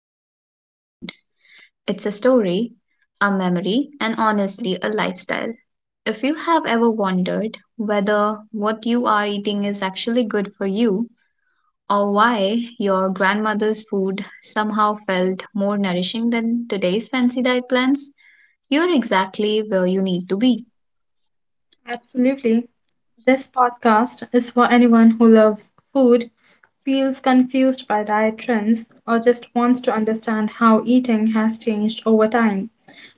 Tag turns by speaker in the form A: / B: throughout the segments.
A: food is not just food. It's a story, a memory, and honestly, a lifestyle. If you have ever wondered whether what you are eating is actually good for you, or why your grandmother's food somehow felt more nourishing than today's fancy diet plans, you're exactly where you need to be.
B: Absolutely. This podcast is for anyone who loves food, feels confused by diet trends, or just wants to understand how eating has changed over time.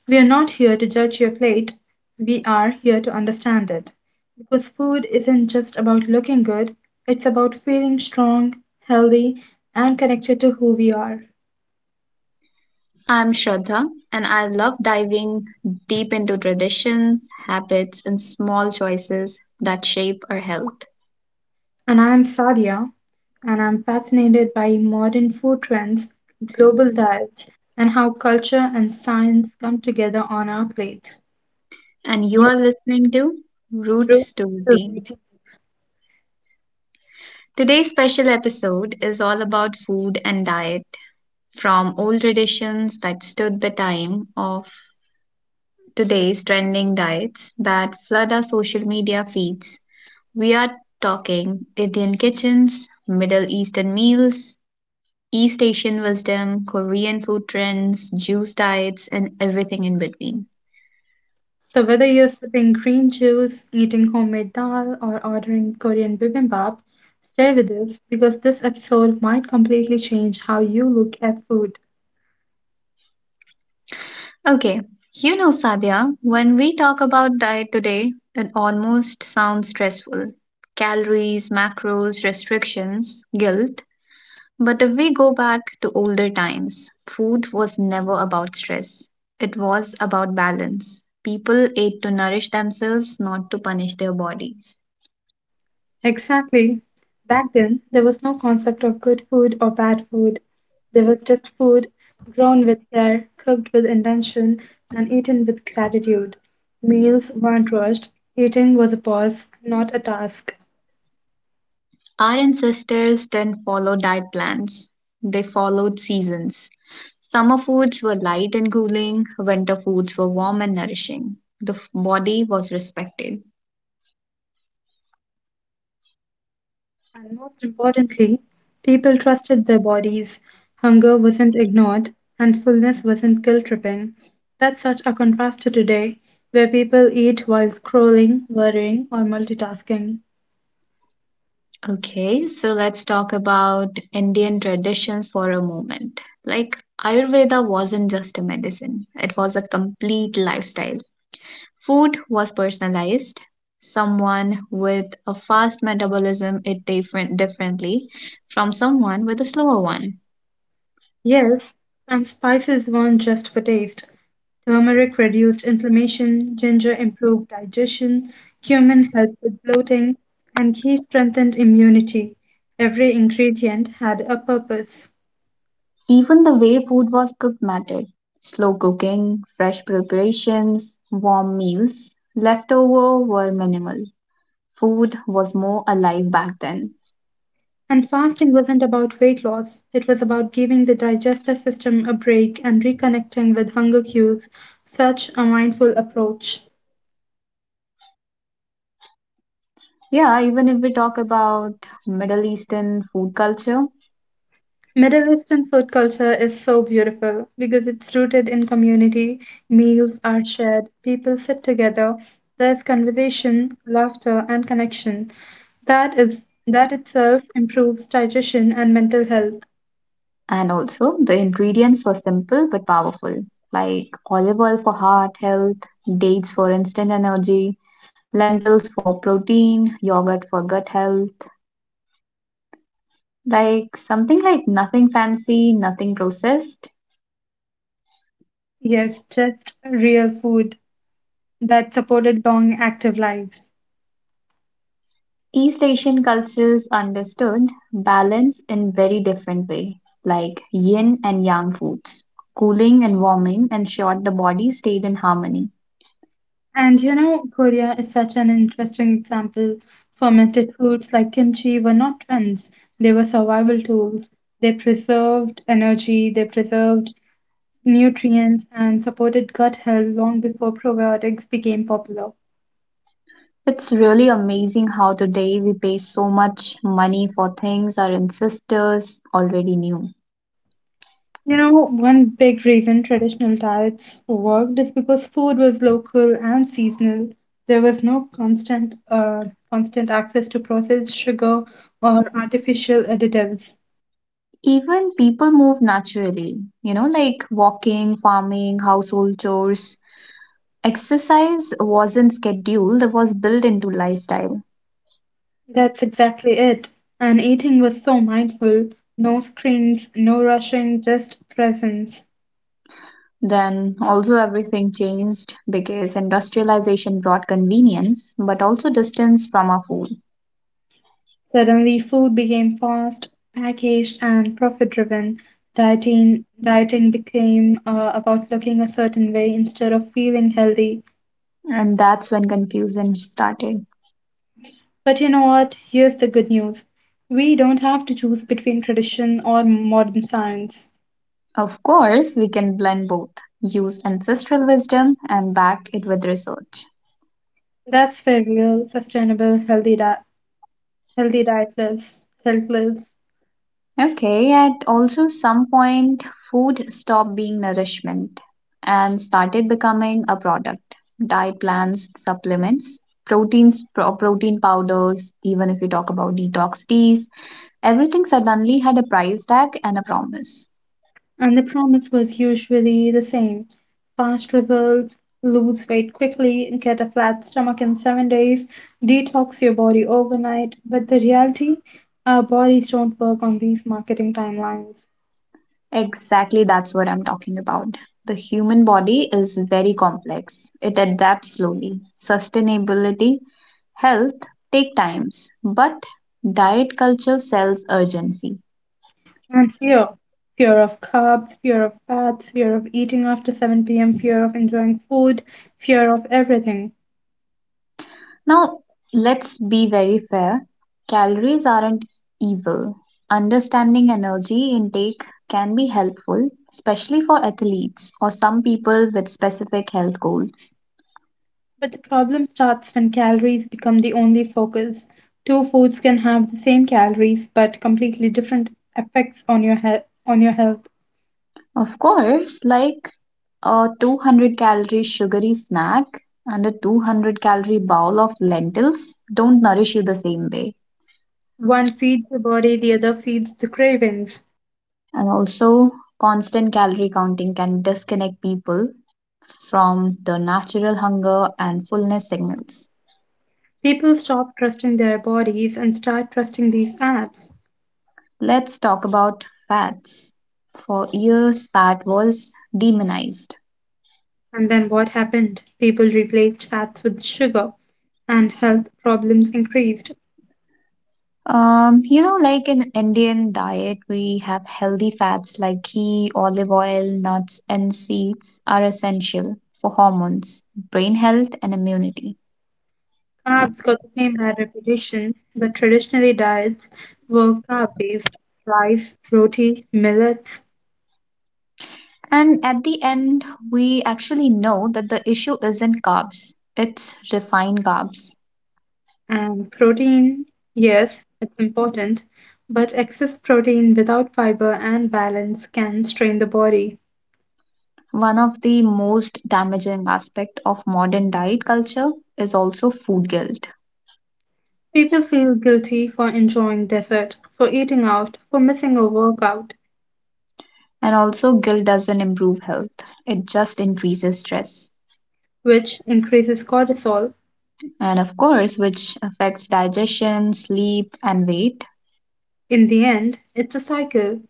B: We are not here to judge your plate, we are here to understand it. Because food isn't just about looking good, it's about feeling strong, healthy, and connected to who we are.
A: I'm Shraddha, and I love diving deep into traditions, habits, and small choices that shape our health.
B: And I'm Sadia, and I'm fascinated by modern food trends, global diets, and how culture and science come together on our plates.
A: And you
B: Your
A: are listening to
B: roots
A: Roots to
B: to
A: Routine.
B: routines.
A: Today's special episode is all about food and diet, from old traditions that stood the time of today's trending diets that flood our social media feeds. We are talking Indian kitchens, Middle Eastern meals, East Asian wisdom, Korean food trends, juice diets, and everything in between.
B: So, whether you're sipping green juice, eating homemade dal, or ordering Korean bibimbap, stay with us because this episode might completely change how you look at food.
A: Okay, Sadia, when we talk about diet today, it almost sounds stressful. Calories, macros, restrictions, guilt. But if we go back to older times, food was never about stress. It was about balance. People ate to nourish themselves, not to punish their bodies.
B: Exactly. Back then, there was no concept of good food or bad food. There was just food grown with care, cooked with intention, and eaten with gratitude. Meals weren't rushed. Eating was a pause, not a task.
A: Our ancestors didn't follow diet plans, they followed seasons. Summer foods were light and cooling, winter foods were warm and nourishing. The body was respected.
B: And most importantly, people trusted their bodies. Hunger wasn't ignored, and fullness wasn't guilt tripping. That's such a contrast to today, where people eat while scrolling, worrying, or multitasking.
A: Okay, so let's talk about Indian traditions for a moment. Like, Ayurveda wasn't just a medicine, it was a complete lifestyle. Food was personalized. Someone with a fast metabolism ate differently from someone with a slower one.
B: Yes, and spices weren't just for taste. Turmeric reduced inflammation, ginger improved digestion, cumin helped with bloating, and ghee strengthened immunity. Every ingredient had a purpose.
A: Even the way food was cooked mattered. Slow cooking, fresh preparations, warm meals, leftover were minimal. Food was more alive back then.
B: And fasting wasn't about weight loss, it was about giving the digestive system a break and reconnecting with hunger cues, such a mindful approach.
A: Yeah, even if we talk about Middle Eastern food culture,
B: Middle Eastern food culture is so beautiful because it's rooted in community. Meals are shared, people sit together, there's conversation, laughter, and connection. That is that itself improves digestion and mental health.
A: and also the ingredients were simple but powerful, like olive oil for heart health, dates for instant energy, lentils for protein, yogurt for gut health. Like something like nothing fancy, nothing processed,
B: Yes, just real food that supported long active lives.
A: East Asian cultures understood balance in very different way, like yin and yang foods, cooling and warming ensured the body stayed in harmony.
B: And you know, Korea is such an interesting example. Fermented foods like kimchi were not trends, they were survival tools. They preserved energy, they preserved nutrients, and supported gut health long before probiotics became popular.
A: It's really amazing how today we pay so much money for things our ancestors already knew.
B: You know, one big reason traditional diets worked is because food was local and seasonal. There was no constant, constant access to processed sugar or artificial additives.
A: Even people move naturally, like walking, farming, household chores. Exercise wasn't scheduled, it was built into lifestyle.
B: That's exactly it. And eating was so mindful. No screens, no rushing, just presence.
A: Then also everything changed because industrialization brought convenience but also distance from our food.
B: Suddenly, food became fast, packaged, and profit driven. Dieting became about looking a certain way instead of feeling healthy.
A: And that's when confusion started.
B: But you know what? Here's the good news. We don't have to choose between tradition or modern science.
A: Of course, we can blend both, use ancestral wisdom and back it with research.
B: That's where real, sustainable, healthy diet lives. Health lives.
A: Okay, at also some point, food stopped being nourishment and started becoming a product. Diet plans, supplements, proteins, protein powders, even if you talk about detox teas, everything suddenly had a price tag and a promise.
B: And the promise was usually the same fast results, lose weight quickly, get a flat stomach in 7 days, detox your body overnight. But the reality, our bodies don't work on these marketing timelines.
A: Exactly, that's what I'm talking about. The human body is very complex. It adapts slowly. Sustainability, health take times, but diet culture sells urgency.
B: And fear of carbs, fear of fats, fear of eating after 7 p.m., fear of enjoying food, fear of everything.
A: Now, let's be very fair. Calories aren't evil. Understanding energy intake can be helpful, especially for athletes or some people with specific health goals.
B: But the problem starts when calories become the only focus. Two foods can have the same calories but completely different effects on your health.
A: Of course, like a 200 calorie sugary snack and a 200 calorie bowl of lentils don't nourish you the same way.
B: One feeds the body, the other feeds the cravings.
A: And also, constant calorie counting can disconnect people from the natural hunger and fullness signals.
B: People stop trusting their bodies and start trusting these apps.
A: Let's talk about fats. For years, fat was demonized.
B: And then what happened? People replaced fats with sugar and health problems increased.
A: Like in Indian diet, we have healthy fats like ghee, olive oil, nuts, and seeds are essential for hormones, brain health, and immunity.
B: Carbs got the same bad reputation, but traditionally diets were carb based rice, roti, millets,
A: And at the end, we actually know that the issue isn't carbs, it's refined carbs.
B: and protein, yes, it's important, but excess protein without fiber and balance can strain the body.
A: One of the most damaging aspect of modern diet culture is also food guilt.
B: People feel guilty for enjoying dessert, for eating out, for missing a workout,
A: And also, guilt doesn't improve health, it just increases stress.
B: which increases cortisol.
A: And of course, which affects digestion, sleep, and weight.
B: In the end, it's a cycle,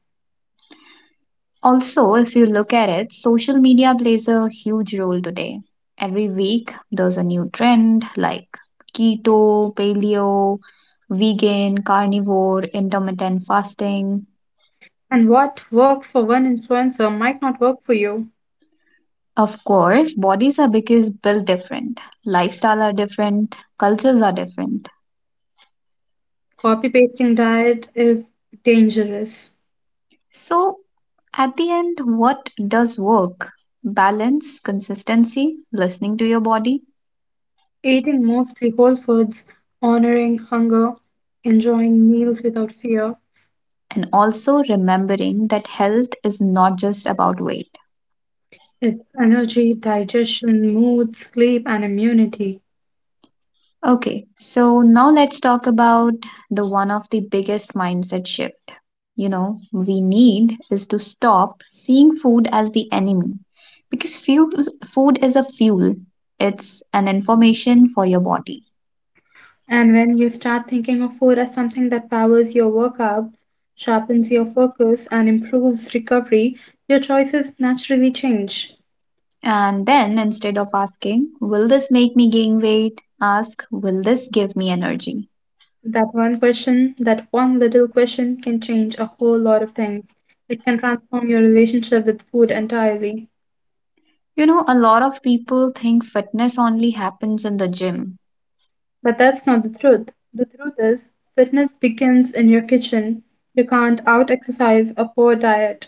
A: Also, if you look at it, social media plays a huge role today. Every week, there's a new trend like keto, paleo, vegan, carnivore, intermittent fasting.
B: and what works for one influencer might not work for you.
A: Of course, bodies are because built different, lifestyle are different, cultures are different.
B: Copy pasting diet is dangerous.
A: So, at the end, what does work? Balance, consistency, listening to your body,
B: Eating mostly whole foods, honoring hunger, enjoying meals without fear,
A: and also remembering that health is not just about weight.
B: it's energy, digestion, mood, sleep, and immunity.
A: Okay, so now let's talk about the one of the biggest mindset shift. We need is to stop seeing food as the enemy because fuel, food is a fuel, it's an information for your body.
B: And when you start thinking of food as something that powers your workouts, sharpens your focus, and improves recovery, your choices naturally change.
A: And then instead of asking, will this make me gain weight? Ask, will this give me energy?
B: That one question, that one little question can change a whole lot of things. It can transform your relationship with food entirely.
A: A lot of people think fitness only happens in the gym.
B: But that's not the truth. The truth is, fitness begins in your kitchen. You can't out exercise a poor diet.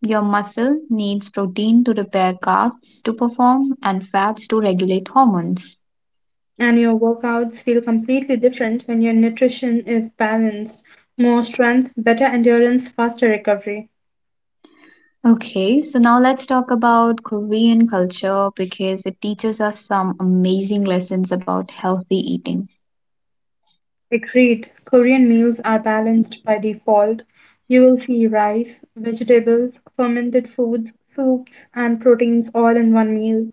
A: Your muscle needs protein to repair carbs to perform and fats to regulate hormones.
B: And your workouts feel completely different when your nutrition is balanced. More strength, better endurance, faster recovery.
A: Okay, so now let's talk about Korean culture because it teaches us some amazing lessons about healthy eating.
B: Agreed, Korean meals are balanced by default. You will see rice, vegetables, fermented foods, soups, and proteins all in one meal.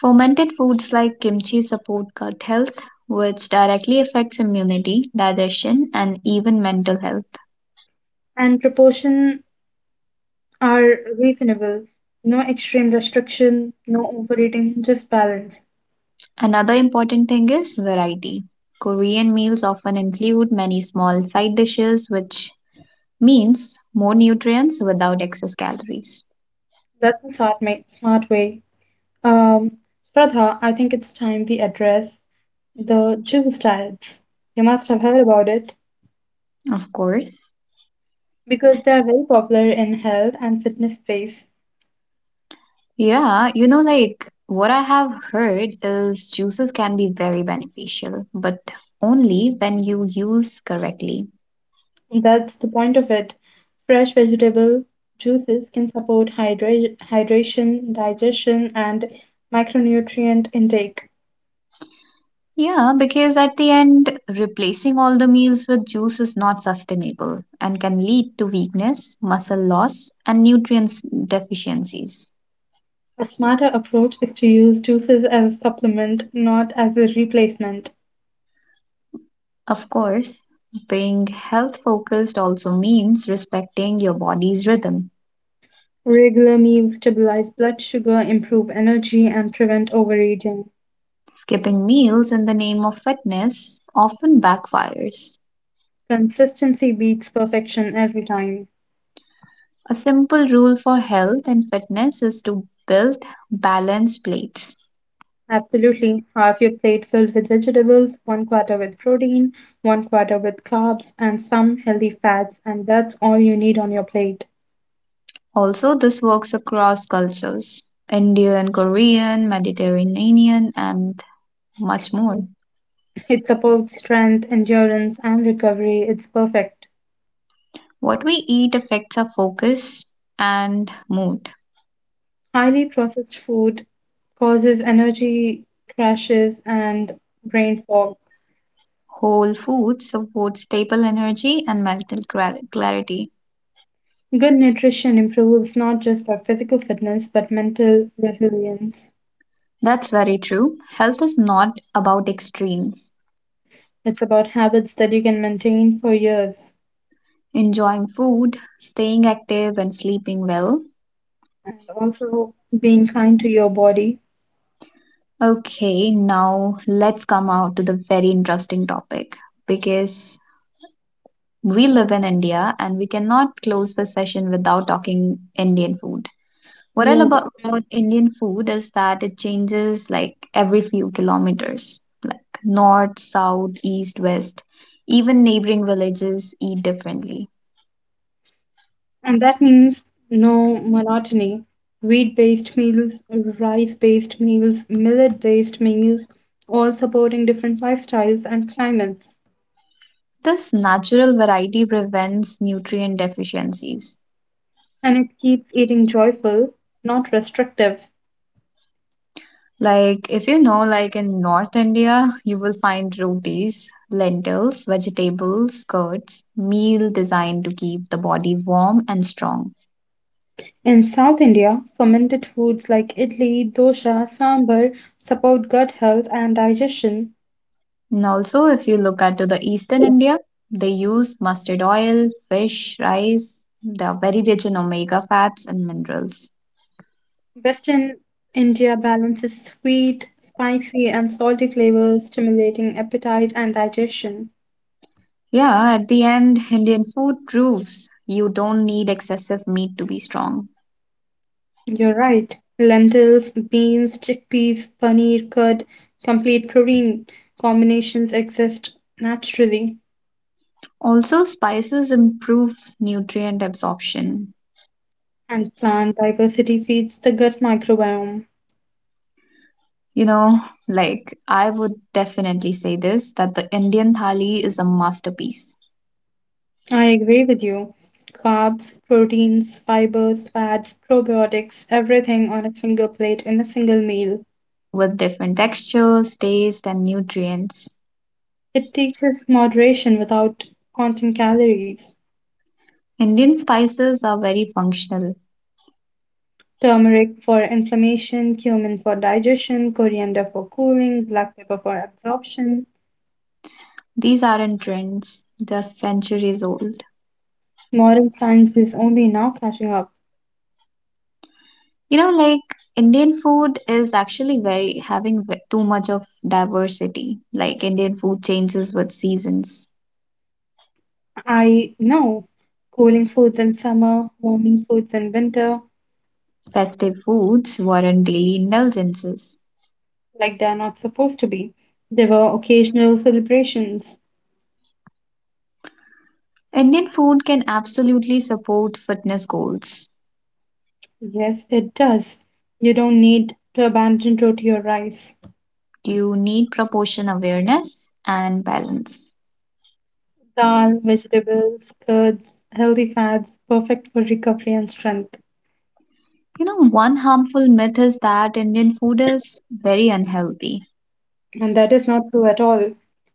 A: Fermented foods like kimchi support gut health, which directly affects immunity, digestion, and even mental health.
B: And proportion are reasonable. No extreme restriction, no overeating, just balance.
A: Another important thing is variety. Korean meals often include many small side dishes, which means more nutrients without excess calories.
B: That's the smart way. Um, Shraddha, I think it's time we address the juice diets. You must have heard about it
A: Of course.
B: because they are very popular in health and fitness space.
A: Yeah, like what I have heard is juices can be very beneficial, but only when you use correctly.
B: That's the point of it. Fresh vegetable juices can support hydration, digestion, and micronutrient intake.
A: Yeah, because at the end, replacing all the meals with juice is not sustainable and can lead to weakness, muscle loss, and nutrients deficiencies.
B: A smarter approach is to use juices as a supplement, not as a replacement.
A: Of course, being health focused also means respecting your body's rhythm.
B: Regular meals stabilize blood sugar, improve energy, and prevent overeating.
A: Skipping meals in the name of fitness often backfires.
B: Consistency beats perfection every time.
A: A simple rule for health and fitness is to build balanced plates.
B: Absolutely. Have your plate filled with vegetables, one quarter with protein, one quarter with carbs, and some healthy fats, and that's all you need on your plate.
A: Also, this works across cultures Indian, Korean, Mediterranean, and much more.
B: It supports strength, endurance, and recovery. It's perfect.
A: What we eat affects our focus and mood.
B: Highly processed food causes energy crashes and brain fog.
A: Whole foods support stable energy and mental clarity.
B: Good nutrition improves not just our physical fitness but mental resilience.
A: That's very true. Health is not about extremes.
B: It's about habits that you can maintain for years
A: Enjoying food, staying active, and sleeping well.
B: and also being kind to your body.
A: Okay, now let's come out to the very interesting topic because we live in India and we cannot close the session without talking Indian food. What I love
B: Yoga.
A: about Indian food is that it changes like every few kilometers, like north, south, east, west. Even neighboring villages eat differently.
B: And that means no monotony. Wheat based meals, rice based meals, millet based meals, all supporting different lifestyles and climates.
A: This natural variety prevents nutrient deficiencies.
B: And it keeps eating joyful, not restrictive.
A: Like, if like in North India, you will find rotis, lentils, vegetables, curds, meal designed to keep the body warm and strong.
B: In South India, fermented foods like idli, dosa, sambar support gut health and digestion,
A: And also, if you look at to the Eastern India, they use mustard oil, fish, rice. They are very rich in omega fats and minerals.
B: Western India balances sweet, spicy, and salty flavors, stimulating appetite and digestion.
A: Yeah, at the end, Indian food proves you don't need excessive meat to be strong.
B: You're right. Lentils, beans, chickpeas, paneer, curd, complete protein combinations exist naturally,
A: Also, spices improve nutrient absorption.
B: and plant diversity feeds the gut microbiome.
A: You know, like I would definitely say this that the Indian thali is a masterpiece
B: I agree with you. Carbs, proteins, fibers, fats, probiotics, everything on a single plate in a single meal.
A: with different textures, taste, and nutrients.
B: It teaches moderation without counting calories.
A: Indian spices are very functional.
B: Turmeric for inflammation, cumin for digestion, coriander for cooling, black pepper for absorption.
A: These aren't trends, they're centuries old.
B: Modern science is only now catching up.
A: Like Indian food is actually very having too much of diversity. Like Indian food changes with seasons.
B: I know cooling foods in summer, warming foods in winter,
A: Festive foods warrant daily indulgences.
B: like they are not supposed to be. There were occasional celebrations.
A: Indian food can absolutely support fitness goals.
B: Yes, it does. You don't need to abandon roti or rice.
A: You need proportion awareness and balance.
B: Dal, vegetables, curds, healthy fats, perfect for recovery and strength.
A: One harmful myth is that Indian food is very unhealthy.
B: And that is not true at all.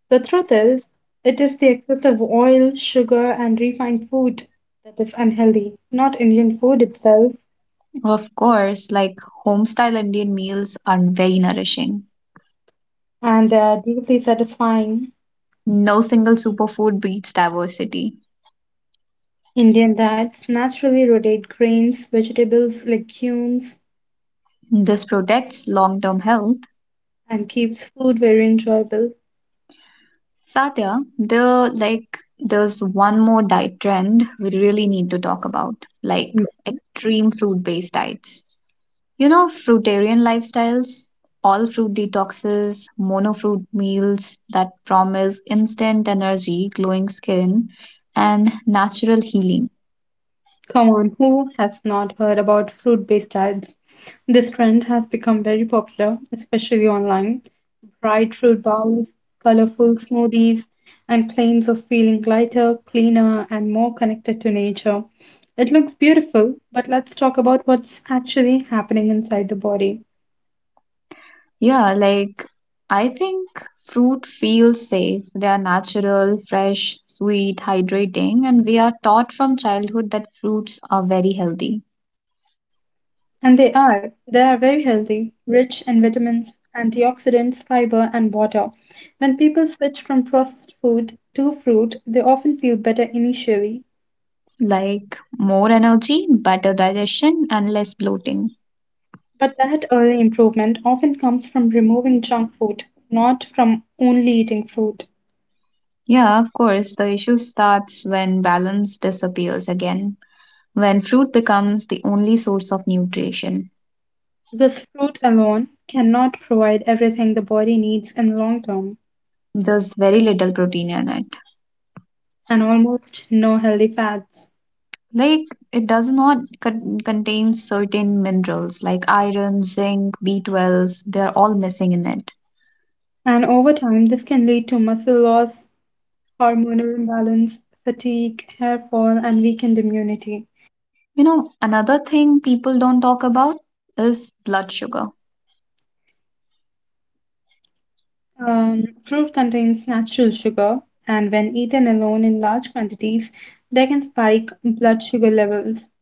B: The truth is, it is the excess of oil, sugar, and refined food that is unhealthy, not Indian food itself.
A: Of course, like home style Indian meals are very nourishing.
B: And they are deeply satisfying.
A: No single superfood beats diversity.
B: Indian diets naturally rotate grains, vegetables, legumes,
A: This protects long term health.
B: and keeps food very enjoyable.
A: Satya, there's one more diet trend we really need to talk about, like extreme fruit based diets. Fruitarian lifestyles, all fruit detoxes, monofruit meals that promise instant energy, glowing skin, and natural healing.
B: Come on, who has not heard about fruit based diets? This trend has become very popular, especially online. Bright fruit bowls, colorful smoothies, and claims of feeling lighter, cleaner, and more connected to nature. It looks beautiful, but let's talk about what's actually happening inside the body.
A: Yeah, like I think fruit feels safe. They are natural, fresh, sweet, hydrating, and we are taught from childhood that fruits are very healthy.
B: And they are. They are very healthy, rich in vitamins, antioxidants, fiber, and water. When people switch from processed food to fruit, they often feel better initially.
A: Like more energy, better digestion, and less bloating.
B: But that early improvement often comes from removing junk food, not from only eating fruit.
A: Yeah, of course, the issue starts when balance disappears again, when fruit becomes the only source of nutrition.
B: Because fruit alone cannot provide everything the body needs in long term,
A: There's very little protein in it.
B: and almost no healthy fats.
A: Like it does not contain certain minerals like iron, zinc, B12, they're all missing in it.
B: And over time, this can lead to muscle loss, hormonal imbalance, fatigue, hair fall, and weakened immunity.
A: Another thing people don't talk about is blood sugar.
B: Fruit contains natural sugar, and when eaten alone in large quantities, they can spike blood sugar levels,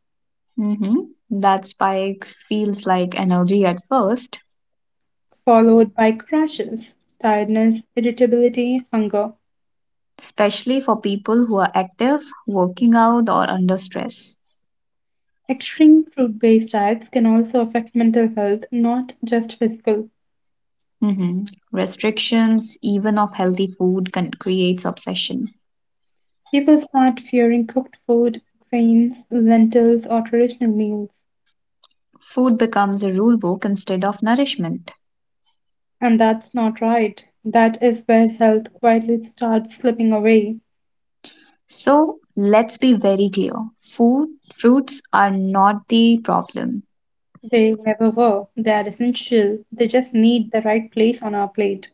A: hmm That spike feels like energy at first,
B: followed by crashes, tiredness, irritability, hunger.
A: especially for people who are active, working out, or under stress.
B: Extreme fruit based diets can also affect mental health, not just physical.
A: hmm Restrictions, even of healthy food, can creates obsession.
B: People start fearing cooked food, grains, lentils, or traditional meals.
A: Food becomes a rule book instead of nourishment.
B: And that's not right. That is where health quietly starts slipping away.
A: So let's be very clear. Food, fruits are not the problem.
B: They never were. They are essential. They just need the right place on our plate.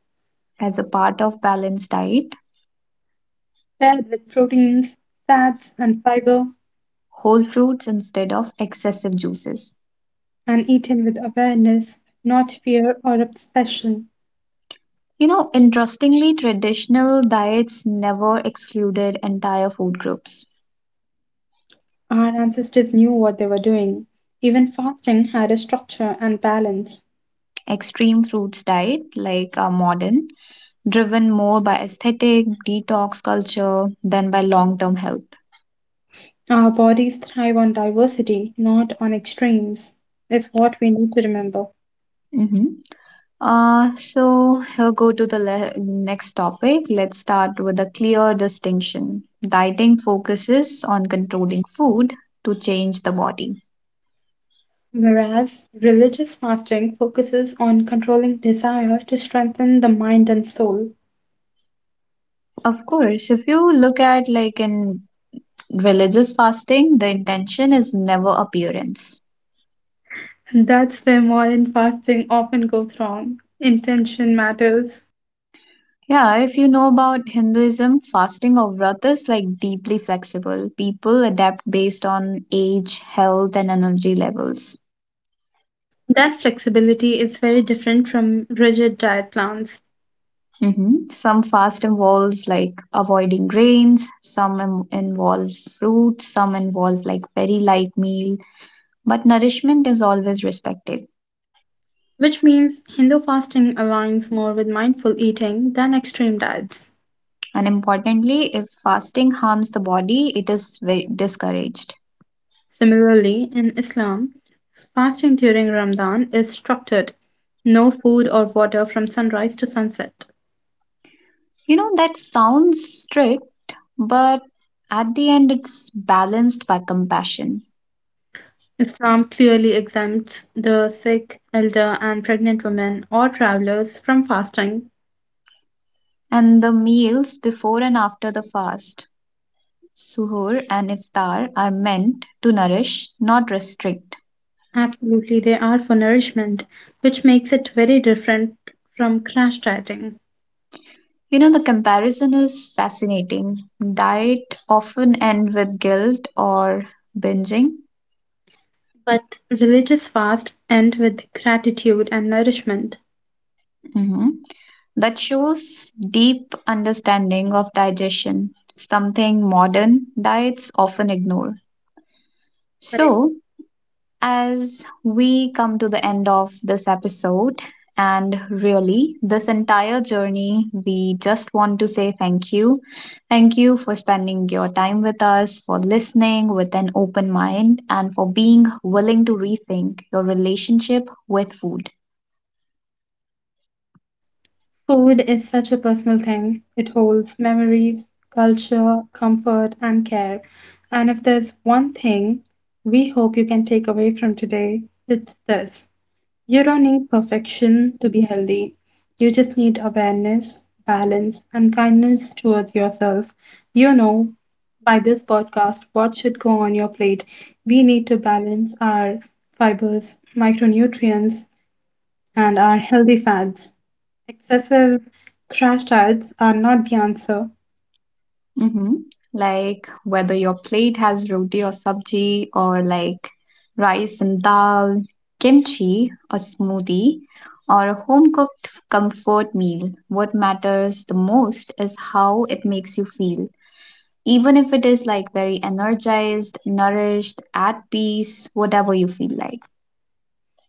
A: As a part of balanced diet,
B: Paired with proteins, fats, and fiber,
A: whole fruits instead of excessive juices.
B: and eaten with awareness, not fear or obsession.
A: Interestingly, traditional diets never excluded entire food groups.
B: Our ancestors knew what they were doing. Even fasting had a structure and balance.
A: Extreme fruits diet, like our modern, driven more by aesthetic, detox culture than by long term health.
B: Our bodies thrive on diversity, not on extremes, is what we need to remember.
A: Mm-hmm. So here go to the next topic. Let's start with a clear distinction. Dieting focuses on controlling food to change the body.
B: Whereas religious fasting focuses on controlling desire to strengthen the mind and soul.
A: Of course, if you look at like in religious fasting, the intention is never appearance.
B: And that's where modern fasting often goes wrong. Intention matters.
A: Yeah, if you know about Hinduism, fasting or vrat is like deeply flexible. People adapt based on age, health, and energy levels.
B: That flexibility is very different from rigid diet plans,
A: Mhm. Some fast involves like avoiding grains, some involve fruit, some involve like very light meal, but nourishment is always respected.
B: which means Hindu fasting aligns more with mindful eating than extreme diets.
A: And importantly, if fasting harms the body, it is very discouraged.
B: Similarly, in Islam, fasting during Ramadan is structured no food or water from sunrise to sunset.
A: That sounds strict, but at the end, it's balanced by compassion.
B: Islam clearly exempts the sick, elder, and pregnant women or travelers from fasting.
A: And the meals before and after the fast, suhoor and iftar, are meant to nourish, not restrict.
B: Absolutely, they are for nourishment, which makes it very different from crash dieting.
A: The comparison is fascinating. Diet often end with guilt or binging.
B: But religious fast end with gratitude and nourishment.
A: hmm That shows deep understanding of digestion, something modern diets often ignore.
B: Correct.
A: So, as we come to the end of this episode, and really, this entire journey, we just want to say thank you. Thank you for spending your time with us, for listening with an open mind, and for being willing to rethink your relationship with food.
B: Food is such a personal thing. It holds memories, culture, comfort, and care. And if there's one thing we hope you can take away from today, it's this. You don't need perfection to be healthy. You just need awareness, balance, and kindness towards yourself. You know, by this podcast, what should go on your plate? We need to balance our fibers, micronutrients, and our healthy fats. Excessive crash diets are not the answer.
A: Mm-hmm. Like whether your plate has roti or sabji, or like rice and dal, kimchi, a smoothie, or a home cooked comfort meal, what matters the most is how it makes you feel. Even if it is like very energized, nourished, at peace, whatever you feel like.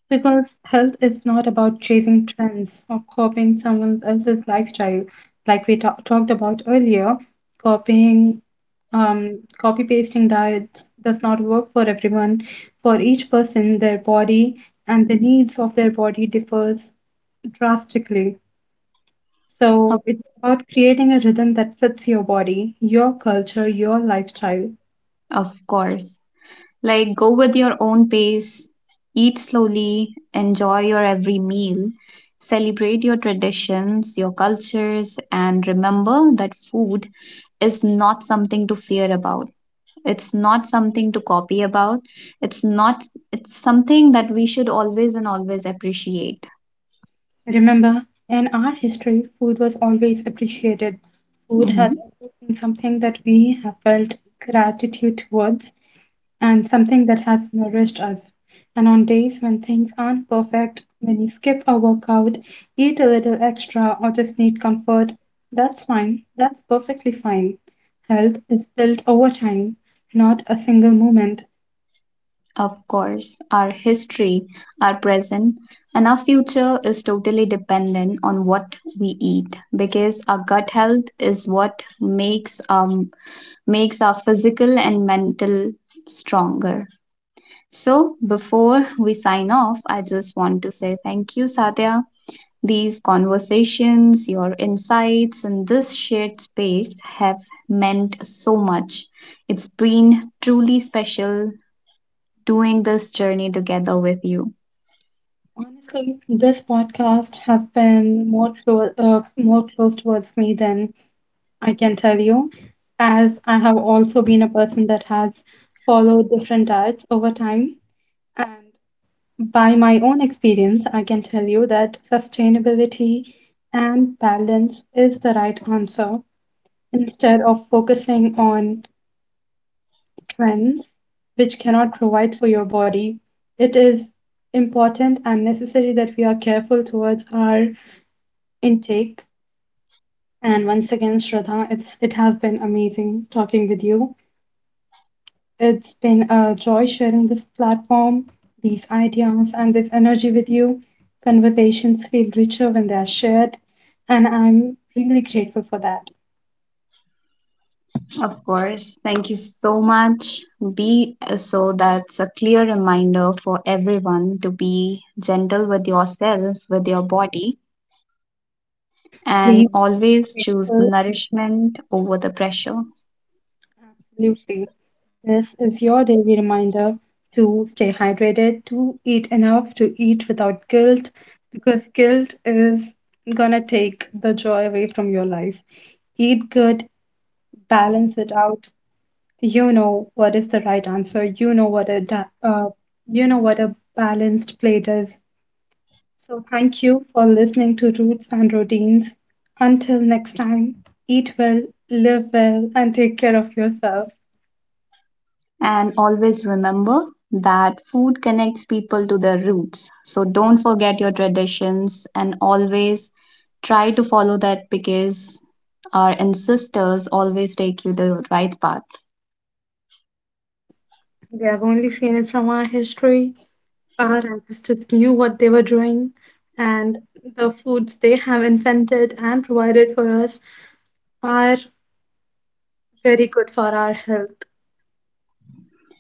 B: Because health is not about chasing trends or copying someone else's lifestyle. Like we talked about earlier, copying, copy pasting diets does not work for everyone. For each person, their body and the needs of their body differs drastically. So
A: Of,
B: it's about creating a rhythm that fits your body, your culture, your lifestyle.
A: of course. Like, go with your own pace, eat slowly, enjoy your every meal, celebrate your traditions, your cultures, and remember that food is not something to fear about. It's not something to copy about. It's not, it's something that we should always and always appreciate.
B: Remember, in our history, food was always appreciated. Food has
A: Mhm.
B: always been something that we have felt gratitude towards and something that has nourished us. And on days when things aren't perfect, when you skip a workout, eat a little extra, or just need comfort, that's fine. That's perfectly fine. Health is built over time, not a single moment.
A: Of course, our history, our present, and our future is totally dependent on what we eat because our gut health is what makes makes our physical and mental stronger. So, before we sign off, I just want to say thank you, Satya. These conversations, your insights, and this shared space have meant so much. It's been truly special doing this journey together with you.
B: Honestly, this podcast has been more close towards me than I can tell you, as I have also been a person that has followed different diets over time. And by my own experience, I can tell you that sustainability and balance is the right answer instead of focusing on trends which cannot provide for your body. It is important and necessary that we are careful towards our intake. And once again, Shraddha, it has been amazing talking with you. It's been a joy sharing this platform, these ideas, and this energy with you. Conversations feel richer when they are shared, and I'm really grateful for that.
A: Of course, thank you so much. Be so that's a clear reminder for everyone to be gentle with yourself, with your body, and
B: Please,
A: always choose
B: grateful,
A: nourishment over the pressure.
B: absolutely. This is your daily reminder to stay hydrated, to eat enough, to eat without guilt, because guilt is gonna take the joy away from your life. Eat good, balance it out, you know what is the right answer. You know what a you know what a balanced plate is. So thank you for listening to Roots and Routines. Until next time, eat well, live well, and take care of yourself.
A: And always remember that food connects people to their roots. So don't forget your traditions and always try to follow that because our ancestors always take you the right path.
B: We have only seen it from our history. Our ancestors knew what they were doing, and the foods they have invented and provided for us are very good for our health.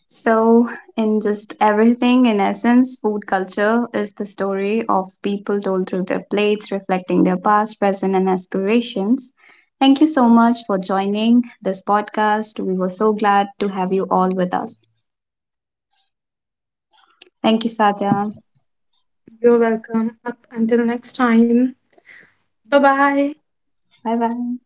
A: So, in just everything, in essence, food culture is the story of people told through their plates, reflecting their past, present, and aspirations. Thank you so much for joining this podcast. We were so glad to have you all with us. Thank you, Satya.
B: You're welcome. Up until next time. Bye bye.
A: Bye bye.